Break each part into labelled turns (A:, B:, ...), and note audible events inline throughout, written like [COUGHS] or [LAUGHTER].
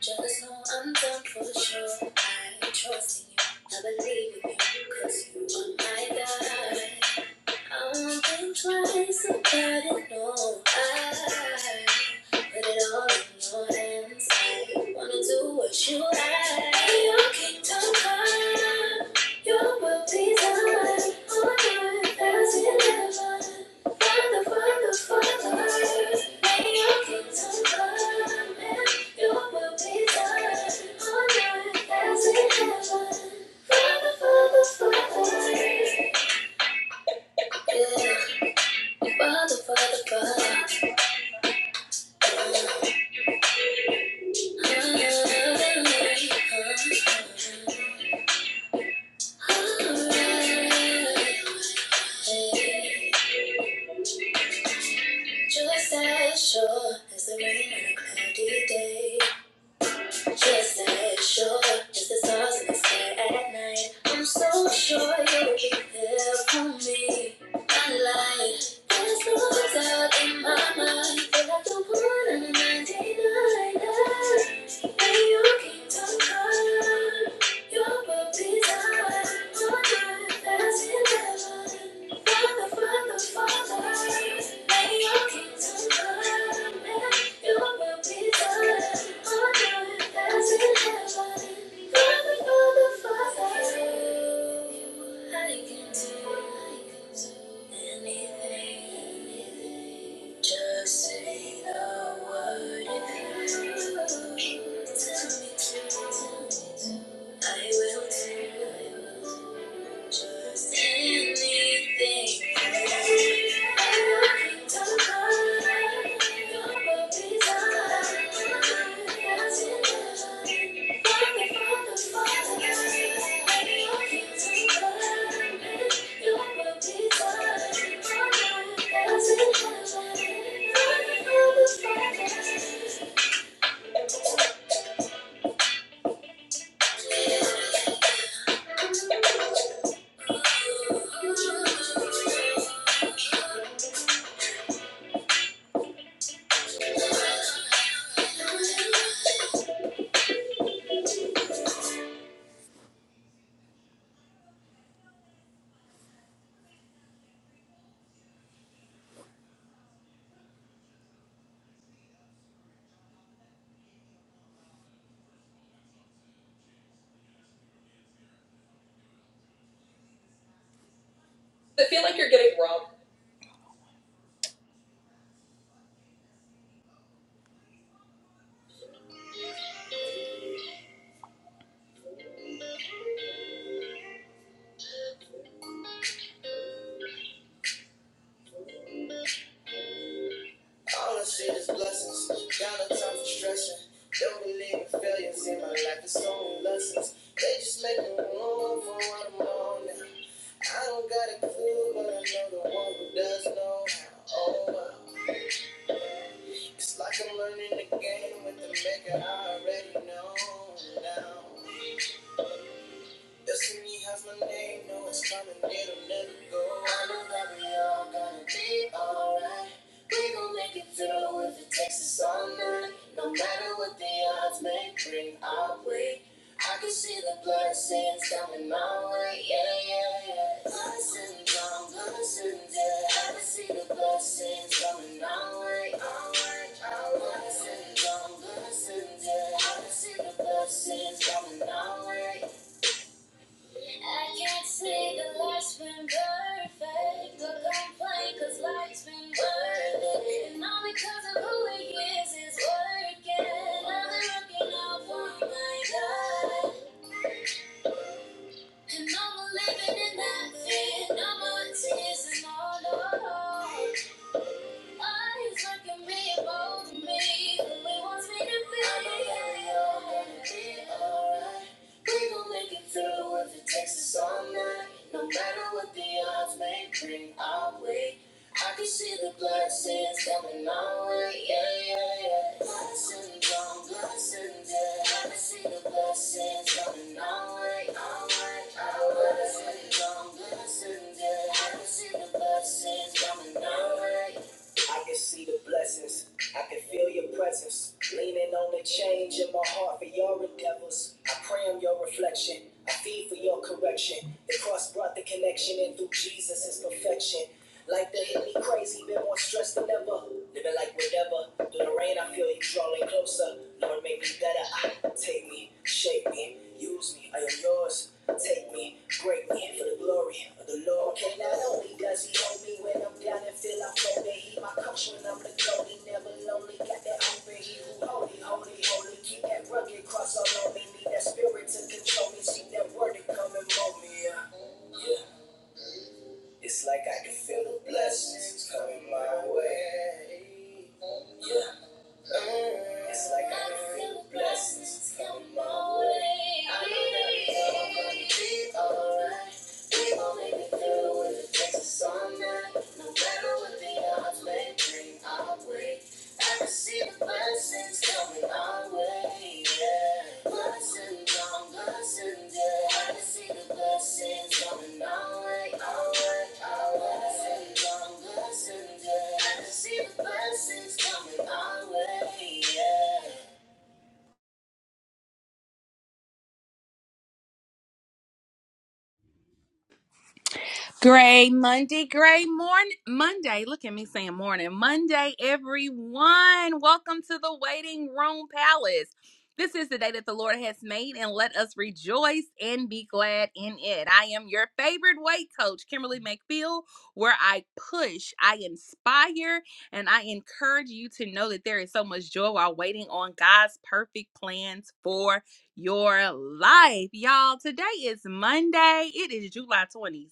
A: just know I'm done for sure. I trust in you, I believe in you, cause you are my God. I'll not think twice about it, no, I put it all in your hands. I wanna do what you like. In Your kingdom come, your will be done on earth as in heaven. Father, Father, Father, may your kingdom come and your will be done on earth as in heaven. Father, Father, Father. Yeah. Just as sure as the rain on a cloudy day. Just as sure as the stars in the sky at night. I'm so sure you'll be there for me. I lie. There's no doubt in my mind. You're like the one in the 99. And you came to Just say the word if you do tell me, tell me, tell me. I will do just anything. I will be done. Your will be done. As in heaven. Father, Father, Father, let your kingdom come. Your will be done on earth as in heaven. Father, Does it feel like you're getting robbed? All I see is blessings. Y'all are time for stressing. Don't believe in failures in my life. It's only lessons. They just make me room for what I'm on now. I don't got a clue, but I know the one who does know how. Oh, wow. It's like I'm learning the game with the maker I already know now. Destiny has my name, no, it's coming, it'll never go. I know that we all gonna be alright. We gon' make it through if it takes us all night. No matter what the odds may bring our way. I can see the blessings coming my way, yeah, yeah, yeah. Blessings on blessings, yeah. I can see the blessings coming my way. Oh, blessings, yeah. I blessings coming way. I can't say the life's been perfect, but complain cause life's been worth it. And all because of who he is is working. Now they're looking out for my God. And I'm living in that fear, no more tears and all, no, no. I can see the blessings coming our way, yeah, yeah, yeah. I can see the blessing our way. I can see the blessings. I can feel your presence. Leaning on the change in my heart for your endeavors. I pray on your reflection. I feed for your correction. The cross brought the connection, and through Jesus is perfection. Like the hit me crazy, been more stressed than ever. Living like whatever. Through the rain, I feel you drawing closer. Lord, make me better. Ah, take me, shape me, use me. I am yours. Take me, break me for the glory of the Lord. Okay, not only does he hold me when I'm down and feel I'm lonely, he my coach when I'm the goat. He never lonely, got that open, he who holy, holy, holy. Keep that rugged cross all on me, need that spirit to control me. see that word to come and mold me. Yeah. Yeah. It's like I can feel the blessings coming my way. It's like I feel blessings come my way. I know that I'm gonna be alright. We gon' make it through if it takes us all night. No matter what the odds may bring our way, I can see the blessings coming our way. Yeah, blessings on blessings, but I.
B: Gray Monday, Gray morning, Monday. Look at me saying morning. Monday, everyone. Welcome to the waiting room palace. This is the day that the Lord has made, and let us rejoice and be glad in it. I am your favorite weight coach, Kimberly McPhail, where I push, I inspire, and I encourage you to know that there is so much joy while waiting on God's perfect plans for your life. Y'all, today is Monday. It is July 26th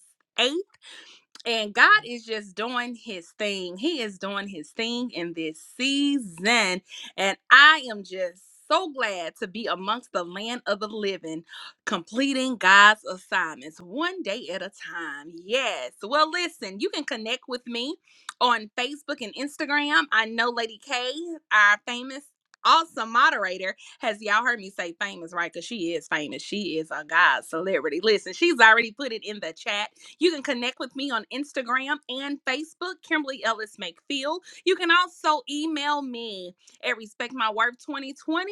B: and God is just doing his thing. He is doing his thing in this season. And I am just so glad to be amongst the land of the living, completing God's assignments one day at a time. Yes. Well, listen, you can connect with me on Facebook and Instagram. I know Lady K, our famous. Awesome moderator. Has y'all heard me say famous, right? Because she is famous. She is a God celebrity. Listen, she's already put it in the chat you can connect with me on Instagram and Facebook, Kimberly Ellis McPhail. You can also email me at respectmyworth2020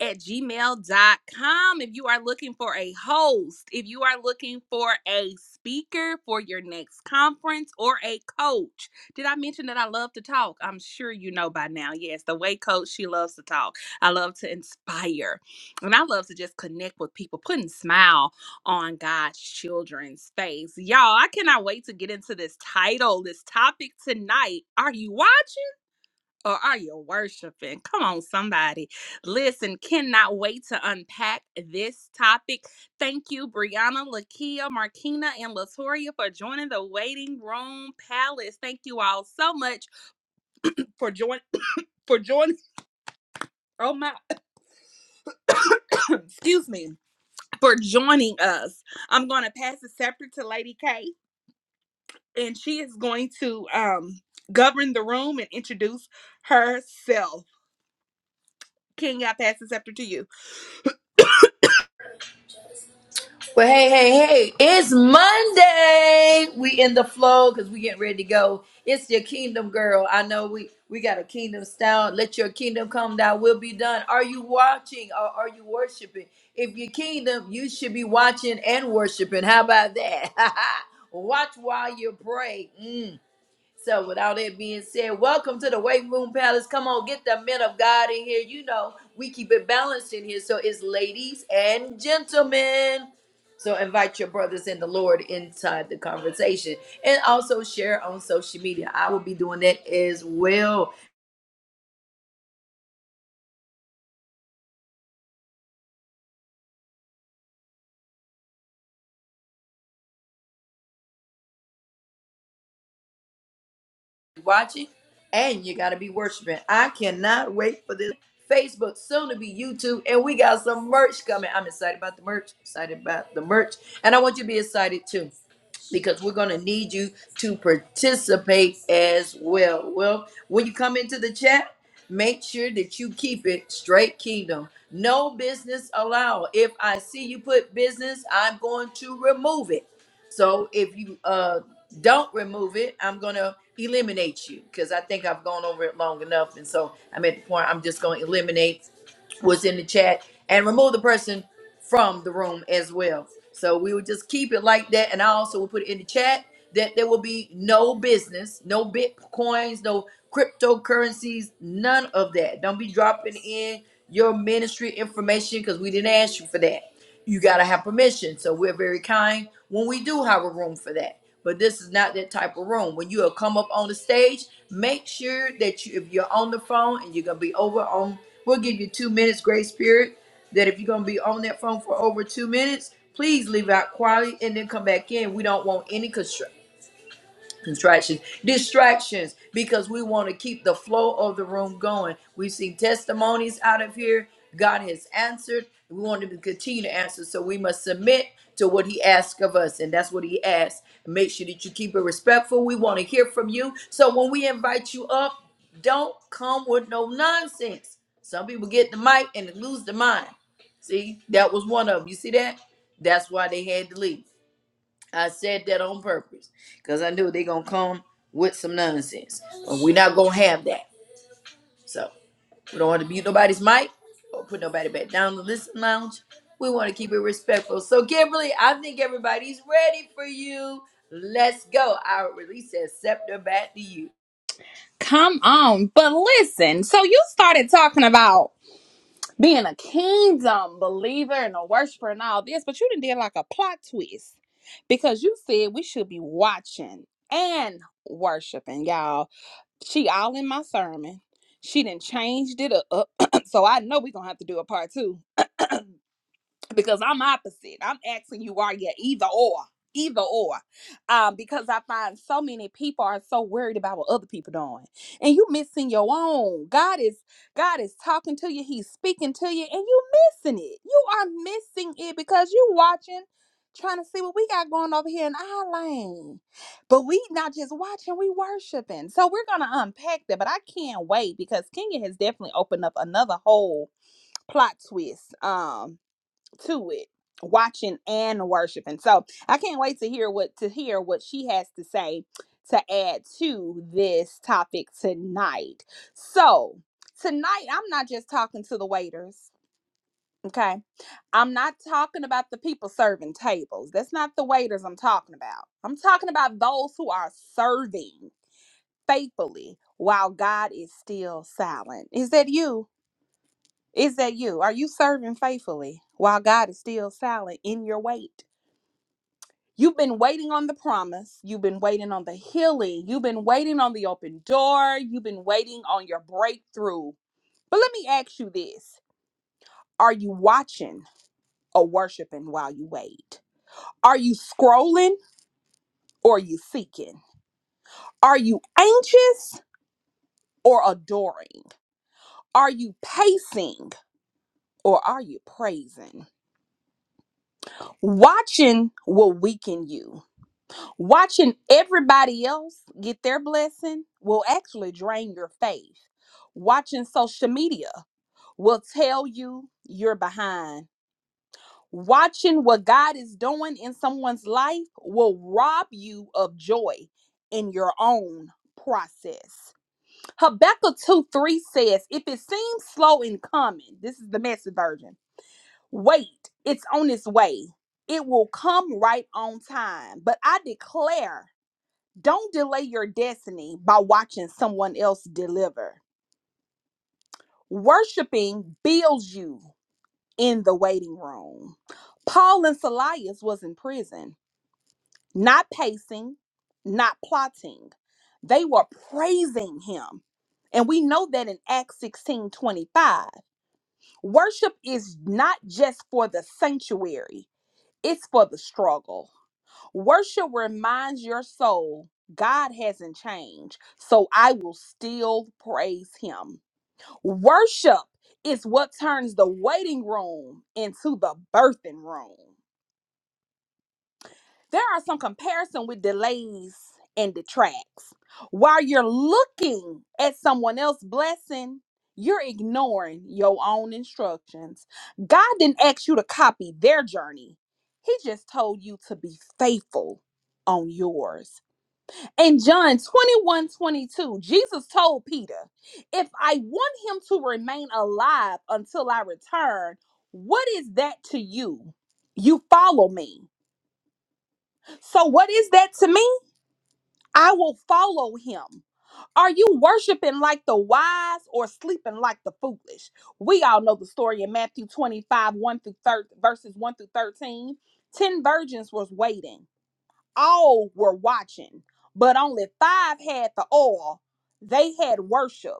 B: at gmail dot com if you are looking for a host, if you are looking for a speaker for your next conference or a coach. Did I mention that I love to talk? I'm sure you know by now. Yes, the way coach, she loves to talk. I love to inspire. And I love to just connect with people, put a smile on God's children's face. Y'all, I cannot wait to get into this title, this topic tonight. Are you watching or are you worshiping? Come on, somebody. Listen, cannot wait to unpack this topic. Thank you, Brianna, Lakia, Markina, and Latoria for joining the waiting room palace. Thank you all so much for joining for joining. Oh my [COUGHS] excuse me. For joining us. I'm gonna pass the scepter to Lady K. and she is going to um govern the room and introduce herself. King, I pass the scepter to you.
A: Well, hey, hey, hey, it's Monday. We in the flow because we getting ready to go. It's your kingdom, girl. I know we we got a kingdom sound. Let your kingdom come down. will be done. Are you watching or are you worshiping? If your kingdom, you should be watching and worshiping. How about that? [LAUGHS] Watch while you pray. Mm. So, without that being said, welcome to the Weight Room Palace. Come on, get the men of God in here. You know, we keep it balanced in here. So, it's ladies and gentlemen. So, invite your brothers in the Lord inside the conversation and also share on social media. I will be doing that as well. Watching and you got to be worshiping. I cannot wait for this Facebook, soon to be YouTube, and we got some merch coming. I'm excited about the merch, excited about the merch, and I want you to be excited too. because we're going to need you to participate as well. Well, when you come into the chat, make sure that you keep it straight kingdom. No business allowed. If I see you put business, I'm going to remove it. So if you uh, don't remove it, I'm going to eliminate you because I think I've gone over it long enough. And so I'm at the point I'm just going to eliminate what's in the chat and remove the person from the room as well. So we will just keep it like that. And I also will put it in the chat that there will be no business, no bitcoins, no cryptocurrencies, none of that. Don't be dropping in your ministry information because we didn't ask you for that. You got to have permission. So we're very kind when we do have a room for that but this is not that type of room. When you come up on the stage, make sure that you, if you're on the phone and you're gonna be over on, we'll give you two minutes, grace Spirit. That if you're gonna be on that phone for over two minutes, please leave out quietly and then come back in. We don't want any distractions distractions because we want to keep the flow of the room going we've seen testimonies out of here god has answered we want him to continue to answer so we must submit to what he asks of us and that's what he asks make sure that you keep it respectful we want to hear from you so when we invite you up don't come with no nonsense some people get the mic and lose the mind see that was one of 'em. you see that that's why they had to leave I said that on purpose because I knew they gonna come with some nonsense. But we are not gonna have that. So we don't want to mute nobody's mic or put nobody back down the listen lounge. We want to keep it respectful. So Kimberly, I think everybody's ready for you. Let's go. I'll release that scepter back to you.
B: Come on. But listen, so you started talking about being a kingdom believer and a worshiper and all this, but you didn't did like a plot twist because you said we should be watching and worshiping, y'all. She all in my sermon. She didn't changed it up. [CLEARS THROAT] so I know we're gonna have to do a part two because I'm opposite. I'm asking you, are you either or? Either or, um, because I find so many people are so worried about what other people doing, and you missing your own. God is God is talking to you. He's speaking to you, and you missing it. You are missing it because you watching, trying to see what we got going over here in our lane. But we not just watching, we worshiping. So we're gonna unpack that. But I can't wait because Kenya has definitely opened up another whole plot twist. Um, to it watching and worshiping so i can't wait to hear what to hear what she has to say to add to this topic tonight so tonight i'm not just talking to the waiters okay i'm not talking about the people serving tables that's not the waiters i'm talking about i'm talking about those who are serving faithfully while god is still silent is that you is that you? Are you serving faithfully while God is still silent in your wait? You've been waiting on the promise. You've been waiting on the healing. You've been waiting on the open door. You've been waiting on your breakthrough. But let me ask you this Are you watching or worshiping while you wait? Are you scrolling or are you seeking? Are you anxious or adoring? Are you pacing or are you praising? Watching will weaken you. Watching everybody else get their blessing will actually drain your faith. Watching social media will tell you you're behind. Watching what God is doing in someone's life will rob you of joy in your own process. Habakkuk 2 3 says, If it seems slow in coming, this is the message version, wait, it's on its way. It will come right on time. But I declare, don't delay your destiny by watching someone else deliver. Worshiping builds you in the waiting room. Paul and Silas was in prison, not pacing, not plotting. They were praising him. And we know that in Acts 16 25, Worship is not just for the sanctuary, it's for the struggle. Worship reminds your soul God hasn't changed, so I will still praise him. Worship is what turns the waiting room into the birthing room. There are some comparison with delays and detracts. While you're looking at someone else's blessing, you're ignoring your own instructions. God didn't ask you to copy their journey. He just told you to be faithful on yours. In John 21 22, Jesus told Peter, If I want him to remain alive until I return, what is that to you? You follow me. So, what is that to me? I will follow him. Are you worshiping like the wise or sleeping like the foolish? We all know the story in Matthew 25, 1 through 13, verses 1 through 13. Ten virgins was waiting all were watching, but only five had the oil. They had worship,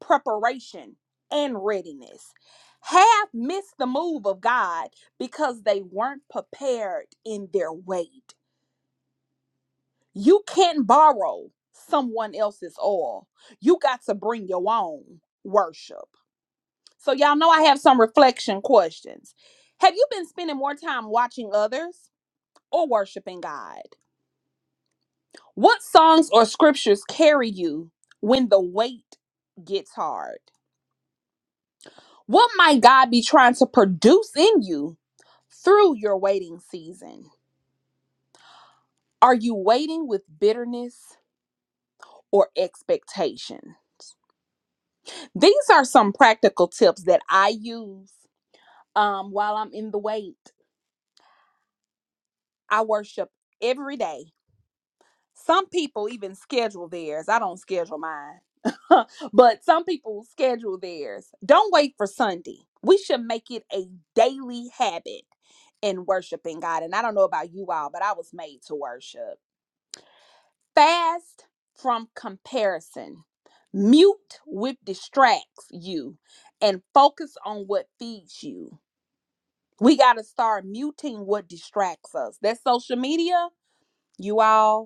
B: preparation, and readiness. Half missed the move of God because they weren't prepared in their weight. You can't borrow someone else's oil, you got to bring your own worship. So, y'all know I have some reflection questions. Have you been spending more time watching others or worshiping God? What songs or scriptures carry you when the weight gets hard? What might God be trying to produce in you through your waiting season? Are you waiting with bitterness or expectation? These are some practical tips that I use um, while I'm in the wait. I worship every day Some people even schedule theirs. I don't schedule mine. [LAUGHS] but some people schedule theirs. Don't wait for Sunday. We should make it a daily habit in worshiping God. And I don't know about you all, but I was made to worship. Fast from comparison. Mute what distracts you and focus on what feeds you. We got to start muting what distracts us. That's social media, you all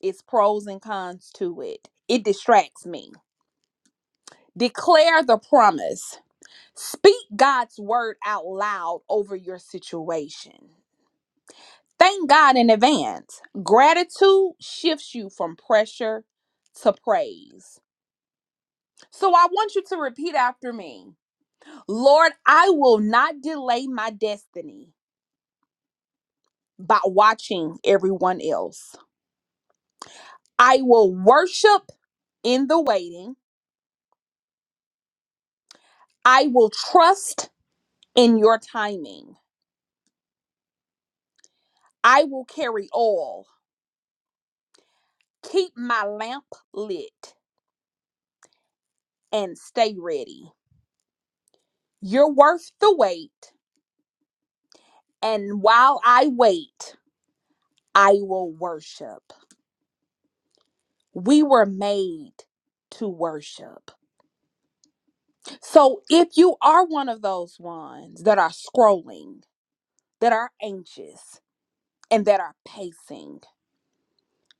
B: it's pros and cons to it. It distracts me. Declare the promise. Speak God's word out loud over your situation. Thank God in advance. Gratitude shifts you from pressure to praise. So I want you to repeat after me Lord, I will not delay my destiny by watching everyone else. I will worship in the waiting, I will trust in your timing. I will carry oil, keep my lamp lit, and stay ready. You're worth the wait, and while I wait, I will worship. We were made to worship. So if you are one of those ones that are scrolling, that are anxious, and that are pacing,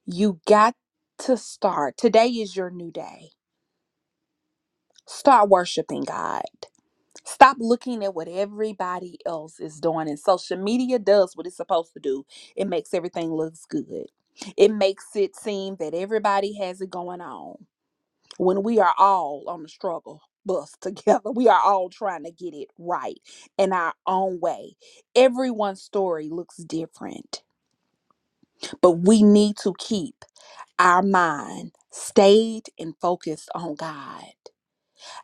B: you got to start. Today is your new day. Start worshiping God. Stop looking at what everybody else is doing. And social media does what it's supposed to do it makes everything looks good. It makes it seem that everybody has it going on when we are all on the struggle bus together. [LAUGHS] We are all trying to get it right in our own way. Everyone's story looks different, but we need to keep our mind stayed and focused on God.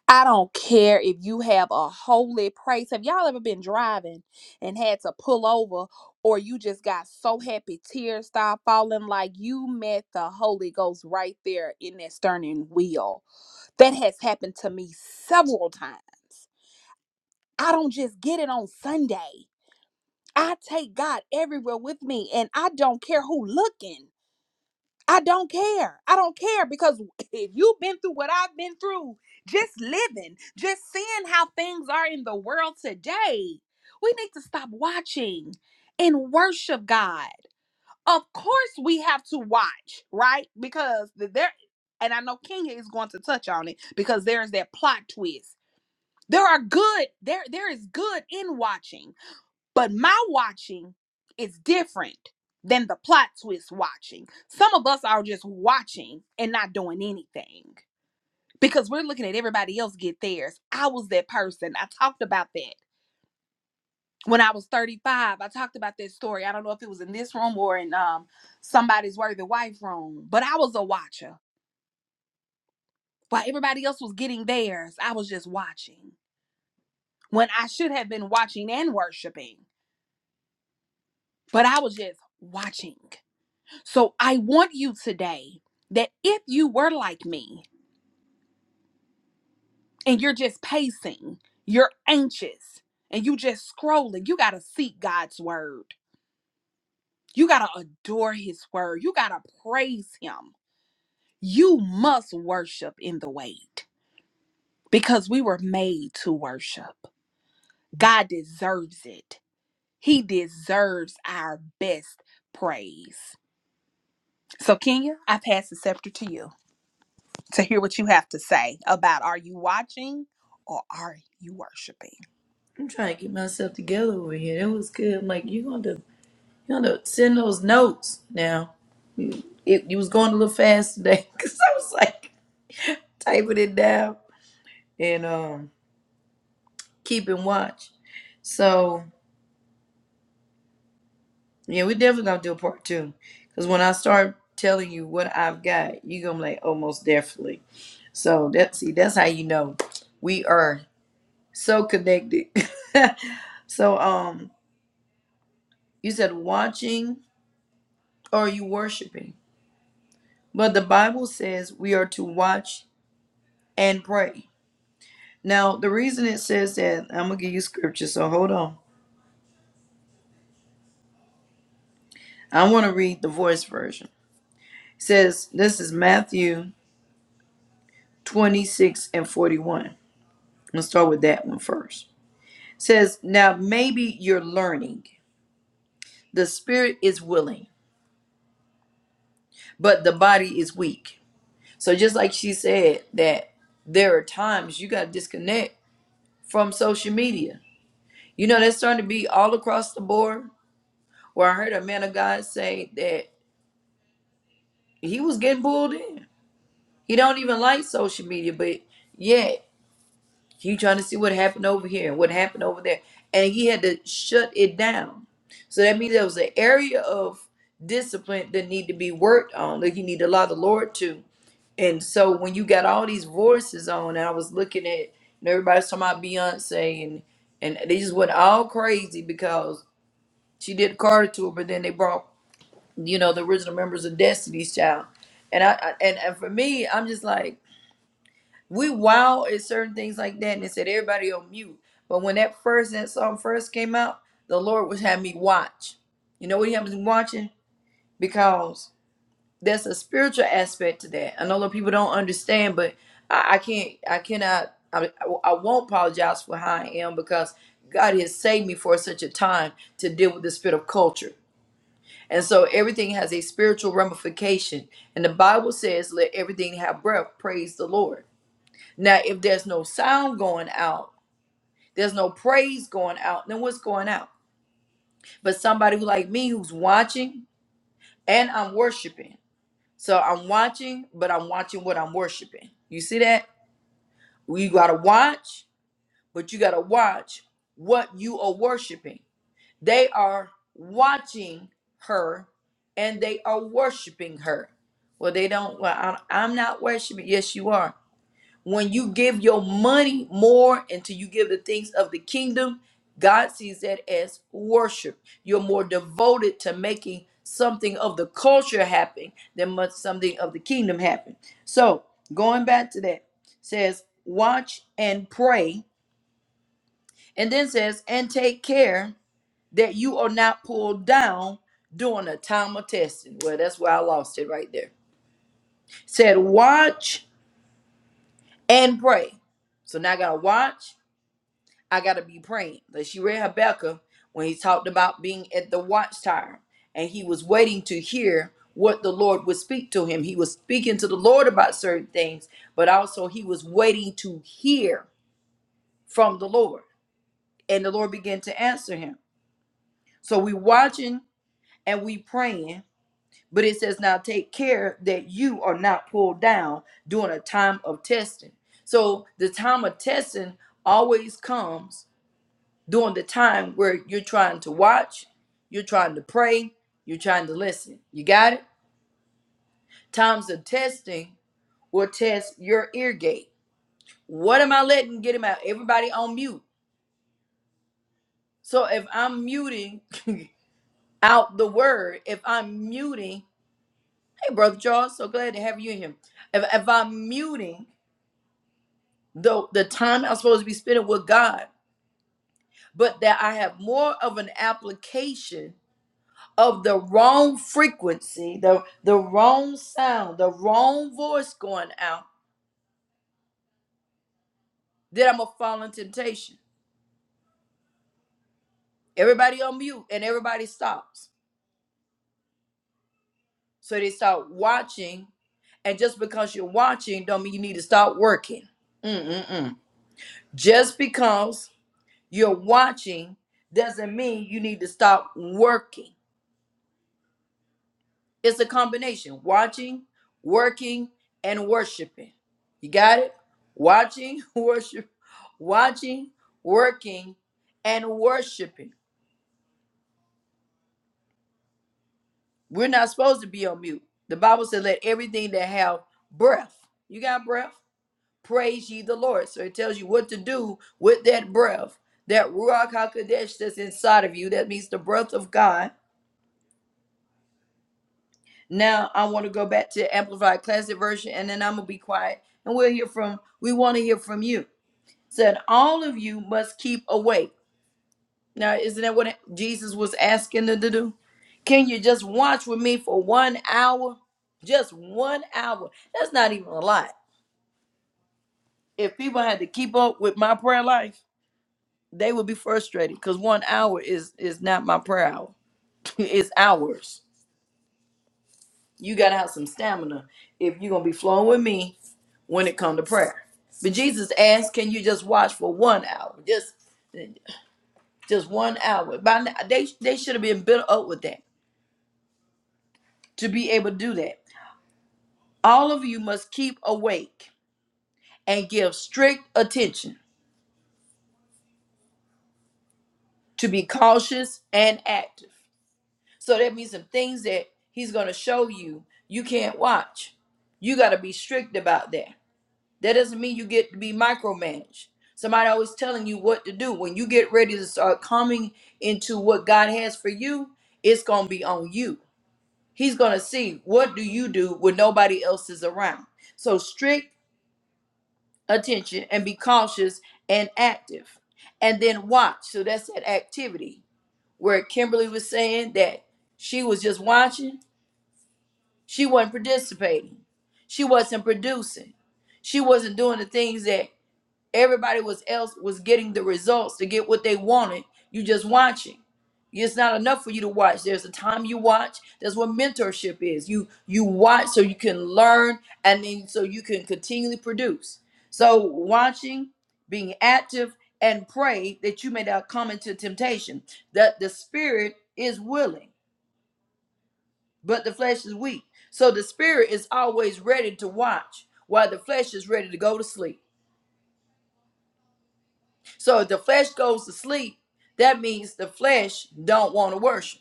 B: I don't care if you have a holy praise. Have y'all ever been driving and had to pull over, or you just got so happy tears start falling like you met the Holy Ghost right there in that steering wheel? That has happened to me several times. I don't just get it on Sunday. I take God everywhere with me, and I don't care who looking. I don't care. I don't care because [LAUGHS] if you've been through what I've been through, just living, just seeing how things are in the world today, we need to stop watching and worship God. Of course, we have to watch, right? Because th- there, and I know Kenya is going to touch on it because there is that plot twist. There are good, there, there is good in watching but my watching is different than the plot twist watching. Some of us are just watching and not doing anything because we're looking at everybody else get theirs. I was that person. I talked about that when I was 35. I talked about that story. I don't know if it was in this room or in um somebody's worthy wife room, but I was a watcher. While everybody else was getting theirs, I was just watching when I should have been watching and worshiping, but I was just watching. So I want you today that if you were like me and you're just pacing, you're anxious, and you just scrolling, you got to seek God's word. You got to adore his word. You got to praise him. You must worship in the wait because we were made to worship. God deserves it. He deserves our best praise. So, Kenya, I pass the scepter to you. to hear what you have to say about are you watching or are you worshiping?
A: I'm trying to get myself together over here. That was good. I'm like, you gonna you gonna send those notes now. It you was going a little fast today [LAUGHS] because I was like typing it down. And um keeping watch. So yeah, we definitely gonna do a part two. Cause when I start telling you what I've got, you gonna be like, oh most definitely. So that see, that's how you know we are so connected. [LAUGHS] so um you said watching or you worshiping. But the Bible says we are to watch and pray. Now the reason it says that, I'm gonna give you scripture, so hold on. I wanna read the voice version. It says this is Matthew 26 and 41. I'm gonna start with that one first. It says, Now maybe you're learning. The spirit is willing, but the body is weak. So just like she said that there are times you gotta disconnect from social media. You know, that's starting to be all across the board where I heard a man of God say that he was getting pulled in. He don't even like social media, but yeah. You trying to see what happened over here and what happened over there. And he had to shut it down. So that means there was an area of discipline that need to be worked on, that you need to allow the Lord to. And so when you got all these voices on, and I was looking at and everybody's talking about Beyonce and and they just went all crazy because she did Carter tour, but then they brought, you know, the original members of Destiny's Child. And I, I and, and for me, I'm just like we wow at certain things like that and it said everybody on mute. But when that first that song first came out, the Lord was having me watch. You know what he had me watching? Because there's a spiritual aspect to that. I know a lot of people don't understand, but I, I can't I cannot I, I I won't apologize for how I am because God has saved me for such a time to deal with the spirit of culture. And so everything has a spiritual ramification. And the Bible says, let everything have breath, praise the Lord. Now, if there's no sound going out, there's no praise going out, then what's going out? But somebody who like me who's watching and I'm worshiping. So I'm watching, but I'm watching what I'm worshiping. You see that? Well, You gotta watch, but you gotta watch what you are worshiping. They are watching her and they are worshiping her. Well, they don't. Well, I'm I'm not worshiping. Yes, you are when you give your money more until you give the things of the kingdom, God sees that as worship. You're more devoted to making something of the culture happen than much something of the kingdom happen. So going back to that, says, watch and pray, and then says, and take care that you are not pulled down during a time of testing. Well, that's where I lost it right there. Said, watch and pray. So now I gotta watch I gotta be praying. Like she read Habakkuk when he talked about being at the watchtower and he was waiting to hear what the Lord would speak to him. He was speaking to the Lord about certain things, but also he was waiting to hear from the Lord. And the Lord began to answer him. So we watching and we praying, but it says now take care that you are not pulled down during a time of testing. So the time of testing always comes during the time where you're trying to watch, you're trying to pray, you're trying to listen. You got it? Times of testing will test your ear gate. What am I letting get him out? Everybody on mute. So if I'm muting [LAUGHS] out the word, if I'm muting, hey brother Charles, so glad to have you in here. If, if I'm muting the the time I'm supposed to be spending with God, but that I have more of an application of the wrong frequency, the, the wrong sound, the wrong voice going out, then I'm going to fall in temptation. Everybody on mute and everybody stops. So they start watching. And just because you're watching, don't mean you need to stop working. Mm-mm-mm. Just because you're watching doesn't mean you need to stop working. It's a combination watching, working, and worshiping. You got it? Watching, [LAUGHS] worship, watching, working, and worshiping. We're not supposed to be on mute. The Bible says, let everything that have breath, you got breath, praise ye the Lord. So it tells you what to do with that breath, that Ruach HaKodesh that's inside of you. That means the breath of God Now I want to go back to Amplified Classic Version and then I'm going to be quiet and we'll hear from, we want to hear from you. Said, all of you must keep awake. Now, isn't that what Jesus was asking them to do? Can you just watch with me for one hour? Just one hour. That's not even a lot. If people had to keep up with my prayer life, they would be frustrated because one hour is is not my prayer hour. [LAUGHS] it's hours. You gotta have some stamina if you're gonna be flowing with me when it comes to prayer. But Jesus asked, "Can you just watch for one hour? Just, just one hour." By now, they they should have been built up with that to be able to do that. All of you must keep awake and give strict attention to be cautious and active. So that means some things that He's going to show you you can't watch. You got to be strict about that. That doesn't mean you get to be micromanaged. Somebody always telling you what to do. When you get ready to start coming into what God has for you, it's going to be on you. He's going to see what do you do when nobody else is around. So strict attention and be cautious and active. And then watch. So that's that activity where Kimberly was saying that she was just watching. She wasn't participating. She wasn't producing. She wasn't doing the things that Everybody was else was getting the results to get what they wanted. You just watching. It's not enough for you to watch. There's a time you watch. That's what mentorship is. You you watch so you can learn and then so you can continually produce. So watching, being active, and pray that you may not come into temptation. That the spirit is willing, but the flesh is weak. So the spirit is always ready to watch while the flesh is ready to go to sleep. So if the flesh goes to sleep, that means the flesh don't want to worship.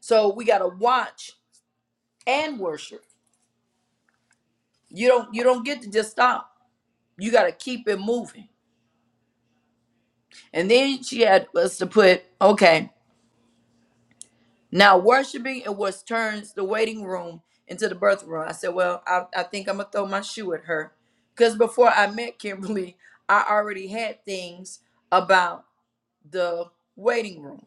A: So we gotta watch and worship. You don't you don't get to just stop. You gotta keep it moving. And then she had us to put, okay, now worshiping it was turns the waiting room into the birth room. I said, Well, I, I think I'm gonna throw my shoe at her. Because before I met Kimberly, I already had things about the waiting room.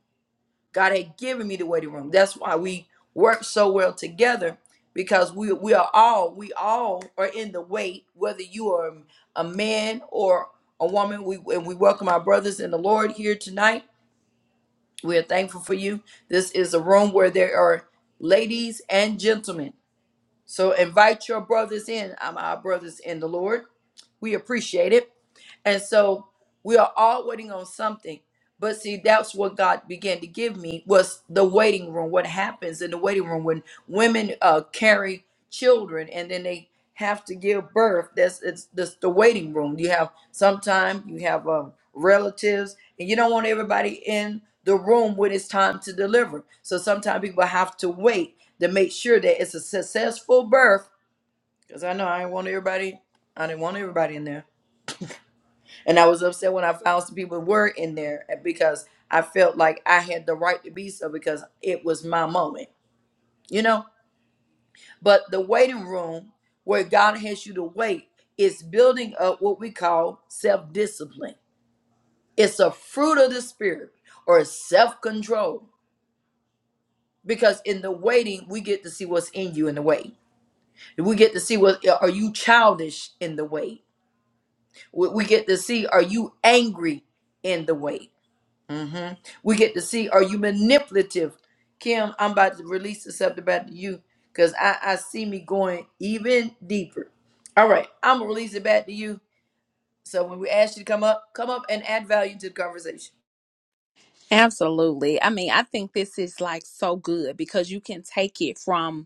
A: God had given me the waiting room. That's why we work so well together because we we are all we all are in the wait. Whether you are a man or a woman, we and we welcome our brothers in the Lord here tonight. We are thankful for you. This is a room where there are ladies and gentlemen. So invite your brothers in. I'm our brothers in the Lord. We appreciate it. And so we are all waiting on something. But see, that's what God began to give me was the waiting room. What happens in the waiting room when women uh, carry children and then they have to give birth? That's it's that's the waiting room. You have sometime you have um, relatives, and you don't want everybody in the room when it's time to deliver. So sometimes people have to wait to make sure that it's a successful birth. Because I know I didn't want everybody. I didn't want everybody in there and I was upset when I found some people were in there eh, because I felt like I had the right to be so because it was my moment, you know? But the waiting room where God has you to wait is building up what we call self discipline. It's a fruit of the spirit or self control because in the waiting, we get to see what's in you in the wait. We get to see what eh, are you childish in the wait. We we get to see are you angry in the wait hmm We get to see are you manipulative? Kim, I'm about to release the subject back to you because I, I see me going even deeper. All right, I'm gonna release it back to you. So when we ask you to come up, come up and add value to the conversation.
B: Absolutely. I mean, I think this is like so good because you can take it from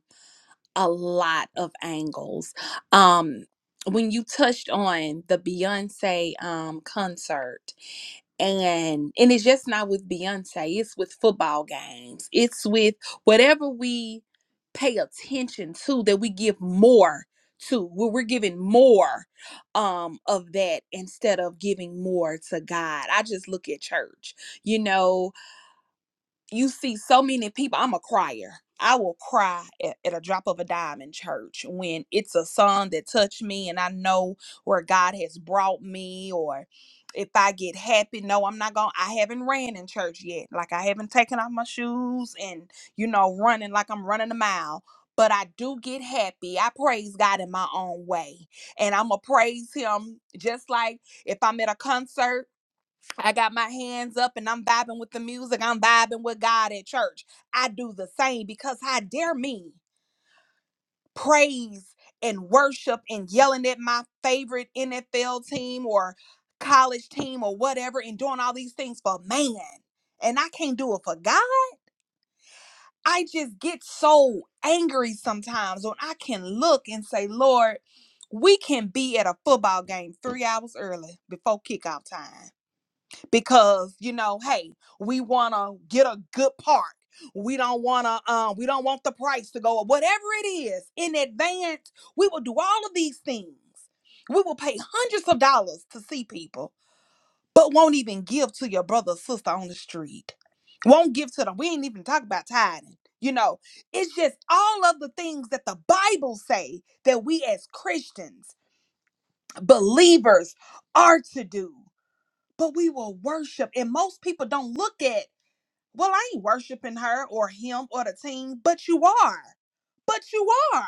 B: a lot of angles. Um, when you touched on the Beyonce um, concert, and and it's just not with Beyonce. It's with football games. It's with whatever we pay attention to that we give more to. Where we're giving more um of that instead of giving more to God. I just look at church. You know, you see so many people i'm a crier i will cry at, at a drop of a dime in church when it's a song that touched me and i know where god has brought me or if i get happy no i'm not gonna i haven't ran in church yet like i haven't taken off my shoes and you know running like i'm running a mile but I do get happy. I praise God in my own way. And I'm going to praise Him just like if I'm at a concert I got my hands up and I'm vibing with the music. I'm vibing with God at church. I do the same because how dare me praise and worship and yelling at my favorite NFL team or college team or whatever and doing all these things for man. And I can't do it for God. I just get so angry sometimes when I can look and say, Lord, we can be at a football game three hours early before kickoff time because you know hey we want to get a good part we don't want to um we don't want the price to go up whatever it is in advance we will do all of these things we will pay hundreds of dollars to see people but won't even give to your brother or sister on the street won't give to them we ain't even talk about tithing you know it's just all of the things that the bible say that we as christians believers are to do but we will worship. And most people don't look at, well, I ain't worshiping her or him or the team, but you are. But you are.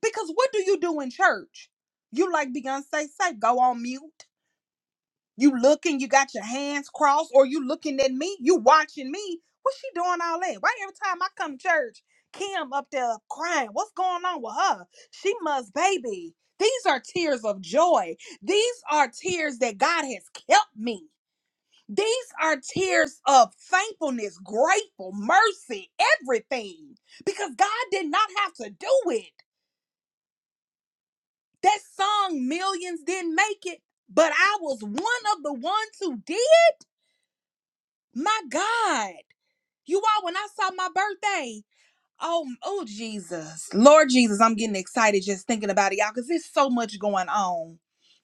B: Because what do you do in church? You like Beyonce say, go on mute. You looking, you got your hands crossed, or you looking at me, you watching me. What's she doing all that? Why every time I come to church, Kim up there crying? What's going on with her? She must, baby. These are tears of joy. These are tears that God has kept me. These are tears of thankfulness, grateful, mercy, everything. Because God did not have to do it. That song, Millions, didn't make it, but I was one of the ones who did. My God. You all, when I saw my birthday, Oh, oh Jesus. Lord Jesus, I'm getting excited just thinking about it, y'all, because there's so much going on.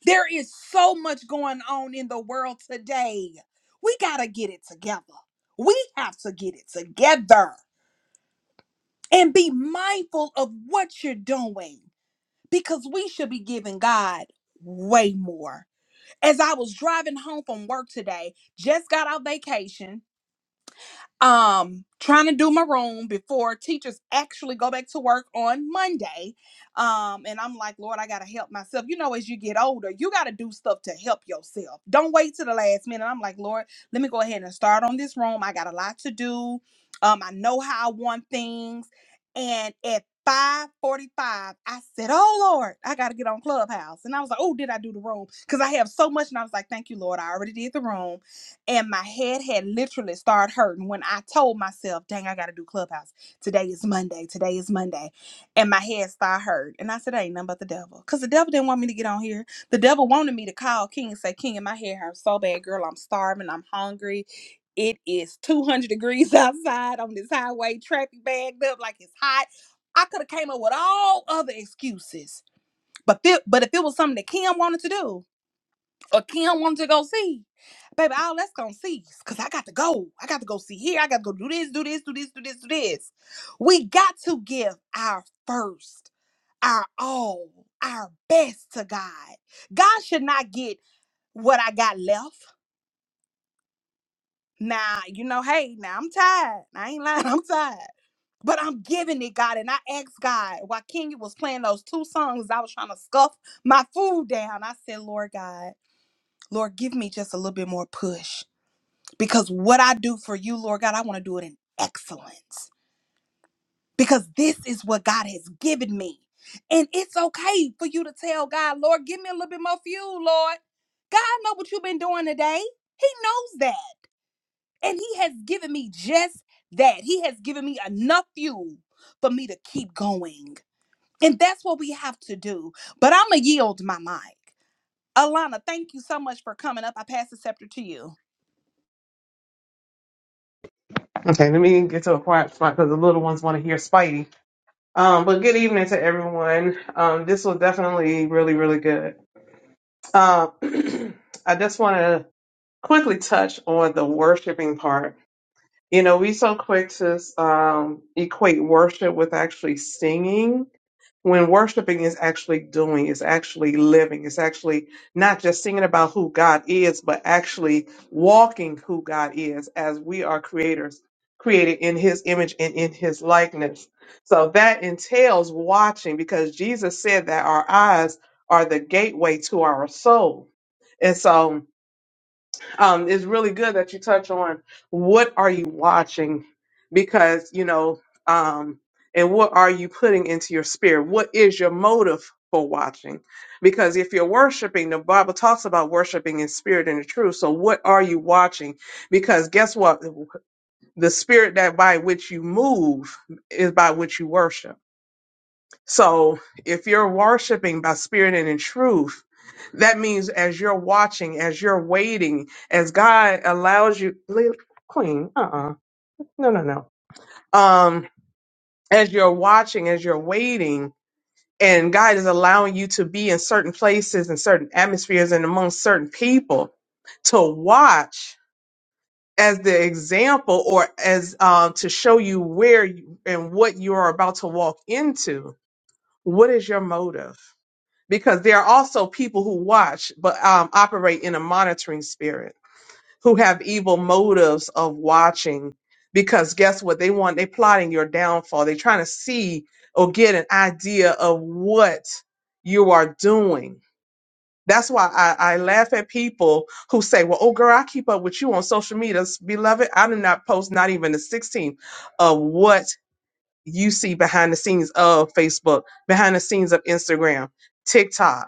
B: There is so much going on in the world today. We gotta get it together. We have to get it together and be mindful of what you're doing because we should be giving God way more. As I was driving home from work today, just got out vacation um trying to do my room before teachers actually go back to work on monday um and i'm like lord i gotta help myself you know as you get older you gotta do stuff to help yourself don't wait to the last minute i'm like lord let me go ahead and start on this room i got a lot to do um i know how i want things and at 5:45, I said, "Oh Lord, I gotta get on Clubhouse," and I was like, "Oh, did I do the room?" Because I have so much, and I was like, "Thank you, Lord, I already did the room." and my head had literally started hurting when I told myself, dang, I gotta do clubhouse. Today is Monday. Today is Monday. And my head started hurting. And I said, ain't nothing but the devil. Because the devil didn't want me to get on here. The devil wanted me to call King and say, King, and my hair hurts so bad, girl. I'm starving. I'm hungry. It is 200 degrees [LAUGHS] outside on this highway, traffic bagged up like it's hot. I could have came up with all other excuses. But, fi- but if it was something that Kim wanted to do, or Kim wanted to go see, baby, all that's gonna cease because I got to go. I got to go see here. I got to go do this, do this, do this, do this, do this. We got to give our first, our all, our best to God. God should not get what I got left. Now, you know, hey, now I'm tired. I ain't lying, [LAUGHS] I'm tired. But I'm giving it, God. And I asked God, while Kenya was playing those two songs, I was trying to scuff my food down. I said, Lord God, Lord, give me just a little bit more push. Because what I do for you, Lord God, I want to do it in excellence. Because this is what God has given me. And it's okay for you to tell God, Lord, give me a little bit more fuel, Lord. God know what you've been doing today. He knows that. And he has given me just that. He has given me enough fuel for me to keep going. And that's what we have to do. But I'm going to yield my mic. Alana, thank you so much for coming up. I pass the scepter to you.
C: Okay, let me get to a quiet spot because the little ones want to hear Spidey. Um, but good evening to everyone. Um, this was definitely really, really good. Um, [CLEARS THROAT] I just want to quickly touch on the worshiping part. You know, we so quick to um, equate worship with actually singing, when worshiping is actually doing, it's actually living, it's actually not just singing about who God is, but actually walking who God is as we are creators, created in his image and in his likeness. So that entails watching because Jesus said that our eyes are the gateway to our soul. And so, um, it's really good that you touch on what are you watching because you know um, and what are you putting into your spirit what is your motive for watching because if you're worshiping the bible talks about worshiping in spirit and in truth so what are you watching because guess what the spirit that by which you move is by which you worship so if you're worshiping by spirit and in truth, that means as you're watching, as you're waiting, as God allows you, Lil- Queen, uh uh no, no, no. Um, as you're watching, as you're waiting, and God is allowing you to be in certain places and certain atmospheres and among certain people to watch as the example or as um, to show you where you, and what you are about to walk into. What is your motive? because there are also people who watch but um, operate in a monitoring spirit who have evil motives of watching because guess what they want they plotting your downfall they're trying to see or get an idea of what you are doing that's why I, I laugh at people who say, Well, oh, girl, I keep up with you on social media. Beloved, I do not post not even the 16th of what you see behind the scenes of Facebook, behind the scenes of Instagram, TikTok.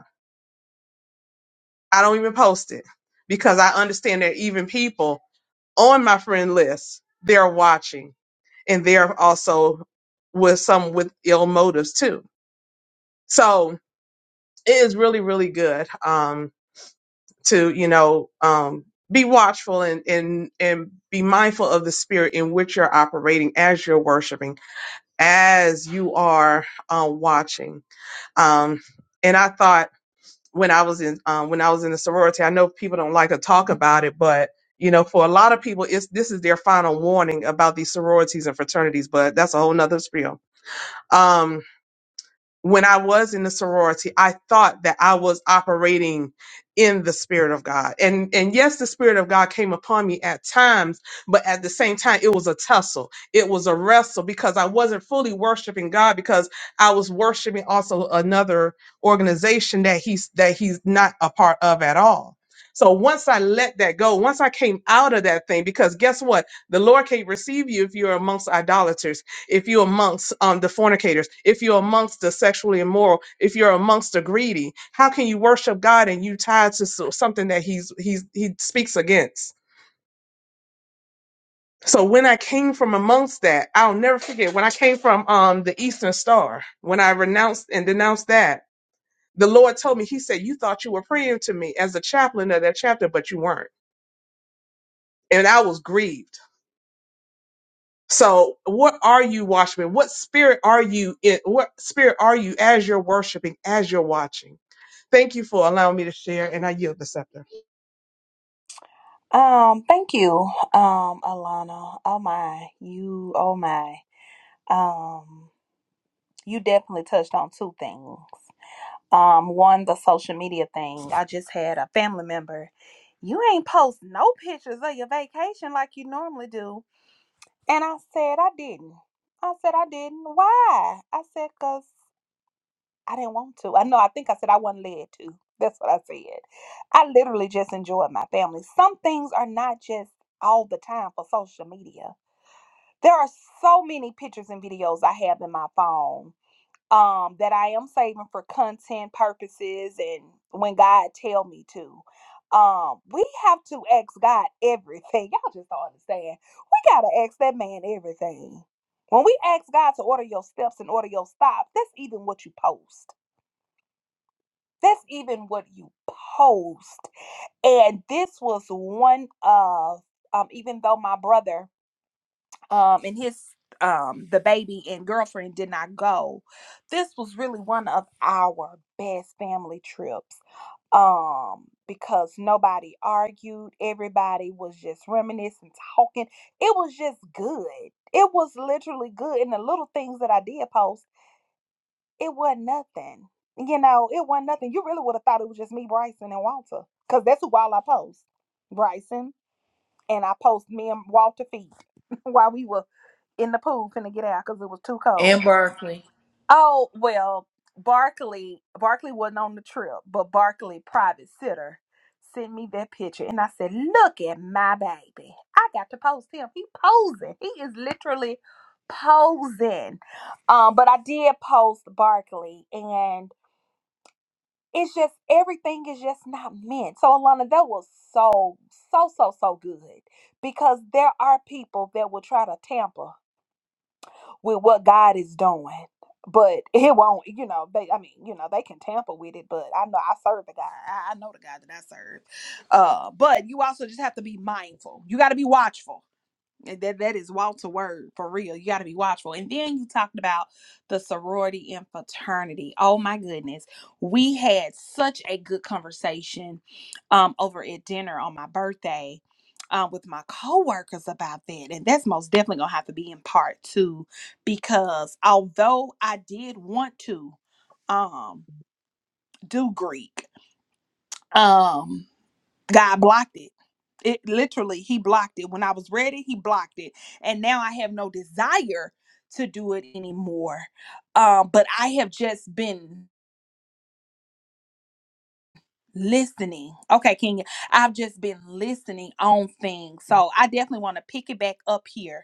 C: I don't even post it because I understand that even people on my friend list, they're watching and they're also with some with ill motives too. So it is really, really good um, to, you know, um, be watchful and, and, and be mindful of the spirit in which you're operating as you're worshiping, as you are uh, watching. Um, and I thought, when I was in um, when I was in the sorority. I know people don't like to talk about it, but you know, for a lot of people, it's this is their final warning about these sororities and fraternities. But that's a whole nother spiel. Um, when I was in the sorority, I thought that I was operating in the spirit of God. And and yes, the spirit of God came upon me at times, but at the same time it was a tussle. It was a wrestle because I wasn't fully worshiping God because I was worshiping also another organization that he's that he's not a part of at all. So once I let that go, once I came out of that thing, because guess what? The Lord can't receive you if you're amongst idolaters if you're amongst um, the fornicators, if you're amongst the sexually immoral, if you're amongst the greedy, how can you worship God and you tied to so- something that he's he's he speaks against? So when I came from amongst that, I'll never forget when I came from um the Eastern Star, when I renounced and denounced that, the Lord told me, He said, You thought you were praying to me as a chaplain of that chapter, but you weren't. And I was grieved. So what are you, watchman? What spirit are you in? What spirit are you as you're worshiping, as you're watching? Thank you for allowing me to share, and I yield the scepter.
B: Um, thank you, um, Alana. Oh my, you, oh my. Um, you definitely touched on two things. Um, one, the social media thing. I just had a family member. You ain't post no pictures of your vacation like you normally do. And I said I didn't. I said I didn't. Why? I said because I didn't want to. I know. I think I said I wasn't led to. That's what I said. I literally just enjoyed my family. Some things are not just all the time for social media. There are so many pictures and videos I have in my phone um, that I am saving for content purposes and when God tell me to. Um, we have to ask God everything. [LAUGHS] Y'all just don't understand. We gotta ask that man everything. When we ask God to order your steps and order your stops, that's even what you post. That's even what you post. And this was one of um, even though my brother um and his um the baby and girlfriend did not go this was really one of our best family trips um because nobody argued everybody was just reminiscing talking it was just good it was literally good and the little things that i did post it wasn't nothing you know it wasn't nothing you really would have thought it was just me bryson and walter because that's who all i post bryson and I post me and Walter feet [LAUGHS] while we were in the pool finna get out because it was too cold.
A: And Barkley.
B: Oh well, Barkley Barkley wasn't on the trip, but Barkley private sitter sent me that picture, and I said, "Look at my baby! I got to post him. He posing. He is literally posing." Um, but I did post Barkley, and it's just everything is just not meant. So Alana, that was so so so so good because there are people that will try to tamper with what God is doing, but [LAUGHS] it won't. You know, they I mean, you know, they can tamper with it, but I know I serve the God. I, I know the God that I serve. Uh, but you also just have to be mindful. You got to be watchful that that is Walter word for real. You got to be watchful. And then you talked about the sorority and fraternity. Oh my goodness, we had such a good conversation um, over at dinner on my birthday uh, with my coworkers about that, and that's most definitely gonna have to be in part two because although I did want to um, do Greek, um, God blocked it it literally he blocked it when i was ready he blocked it and now i have no desire to do it anymore um but i have just been listening okay king i've just been listening on things so i definitely want to pick it back up here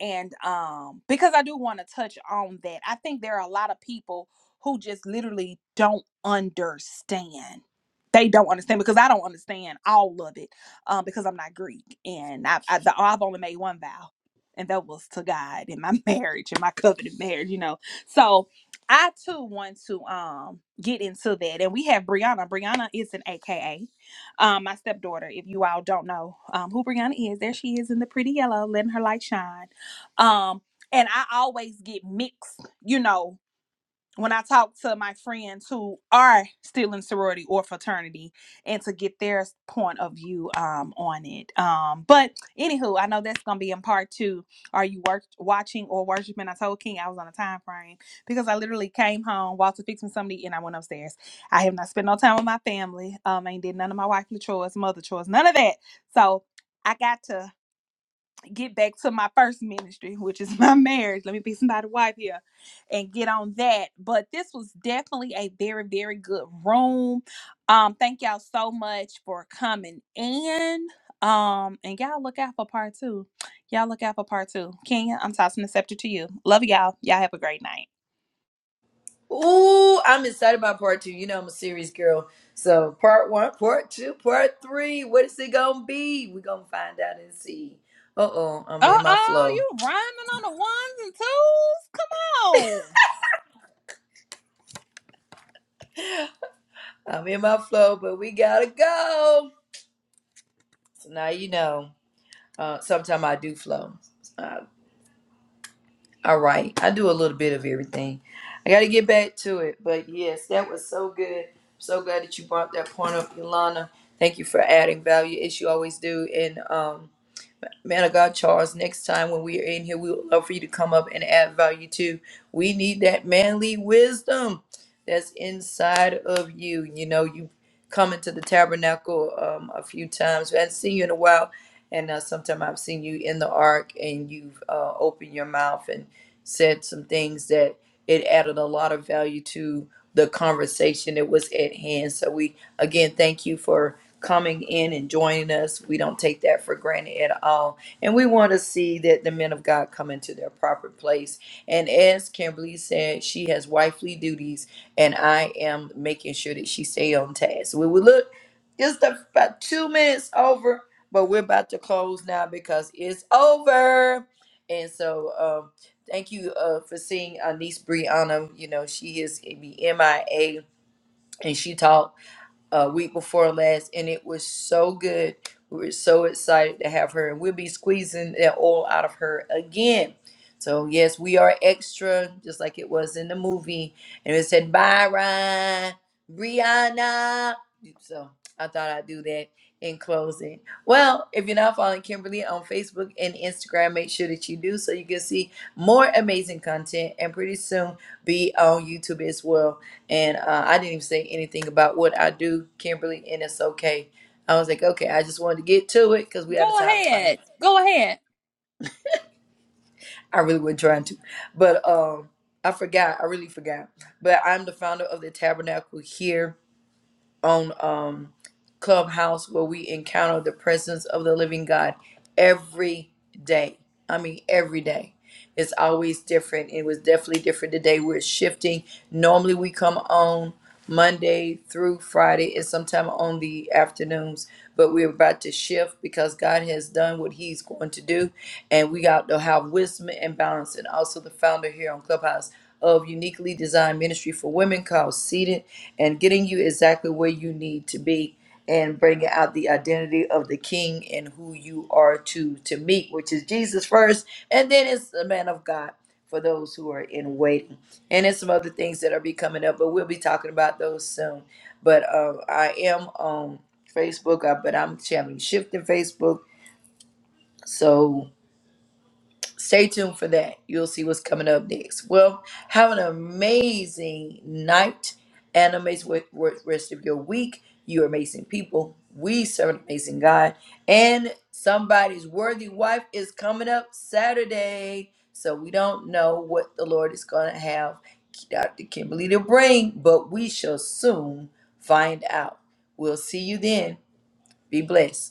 B: and um because i do want to touch on that i think there are a lot of people who just literally don't understand they don't understand because i don't understand all of it um because i'm not greek and i've I, the, i've only made one vow and that was to god in my [LAUGHS] marriage in my covenant marriage you know so i too want to um get into that and we have brianna brianna is an aka um my stepdaughter if you all don't know um who brianna is there she is in the pretty yellow letting her light shine um, and I always get mixed, you know, when I talk to my friends who are still in sorority or fraternity and to get their point of view um on it. Um, but anywho, I know that's gonna be in part two. Are you work watching or worshiping? I told King I was on a time frame because I literally came home, Walter fixed me something to eat, and I went upstairs. I have not spent no time with my family. Um, I ain't did none of my wifely chores, mother chores, none of that. So I got to get back to my first ministry, which is [LAUGHS] my marriage. Let me be somebody's wife here and get on that. But this was definitely a very, very good room. Um, thank y'all so much for coming in. Um, and y'all look out for part two. Y'all look out for part two. Kenya, I'm tossing the scepter to you. Love y'all. Y'all have a great night.
A: Ooh, I'm excited about part two. You know I'm a serious girl. So part one, part two, part three. What is it gonna be? We're gonna find out and see. Uh oh, I'm
B: Uh
A: in my
B: oh,
A: flow.
B: you rhyming on the ones and twos? Come on.
A: I'm in my flow, but we gotta go. So now you know. Uh, sometimes I do flow. Uh, all right, I do a little bit of everything. I got to get back to it, but yes, that was so good. So glad that you brought that point up, Ilana. Thank you for adding value as you always do, and um man of God, Charles, next time when we are in here, we would love for you to come up and add value too. We need that manly wisdom that's inside of you. You know, you come into the tabernacle um, a few times. I haven't seen you in a while, and uh, sometime I've seen you in the ark, and you've uh, opened your mouth and said some things that it added a lot of value to the conversation that was at hand. So we again thank you for coming in and joining us. We don't take that for granted at all and we want to see that the men of God come into their proper place. And as Kimberly said, she has wifely duties, and I am making sure that she stay on task. We will look just about two minutes over, but we're about to close now because it's over. And so, um, thank you uh, for seeing our niece Brianna. You know, she is the MIA, and she taught uh, week before last, and it was so good. We were so excited to have her, and we'll be squeezing that oil out of her again. So yes, we are extra, just like it was in the movie, and it said bye, Ryan, Brianna. So I thought I'd do that in closing. Well, if you're not following Kimberly on Facebook and Instagram, make sure that you do so you can see more amazing content, and pretty soon be on YouTube as well and uh, I didn't even say anything about what I do, Kimberly, and it's okay. I was like, okay, I just wanted to get to it because we had a
B: Go
A: time frame.
B: ahead. Go ahead.
A: I really wasn't trying to, but um, I forgot. I really forgot. But I'm the founder of the Tabernacle here on um clubhouse where we encounter the presence of the living god every day i mean every day it's always different it was definitely different today we're shifting normally we come on monday through friday and sometime on the afternoons but we're about to shift because god has done what he's going to do and we got to have wisdom and balance and also the founder here on clubhouse of uniquely designed ministry for women called seated and getting you exactly where you need to be and bringing out the identity of the king and who you are to to meet which is jesus first and then it's the man of god for those who are in waiting and it's some other things that are be coming up but we'll be talking about those soon but uh, i am on facebook uh, but i'm having shifting facebook so stay tuned for that. You'll see what's coming up next. Well, have an amazing night and amazing wa- wa- rest of your week. You are amazing people. We serve an amazing God. And somebody's worthy wife is coming up Saturday. So we don't know what the Lord is going to have Dr. Kimberly to bring, but we shall soon find out. We'll see you then. Be blessed.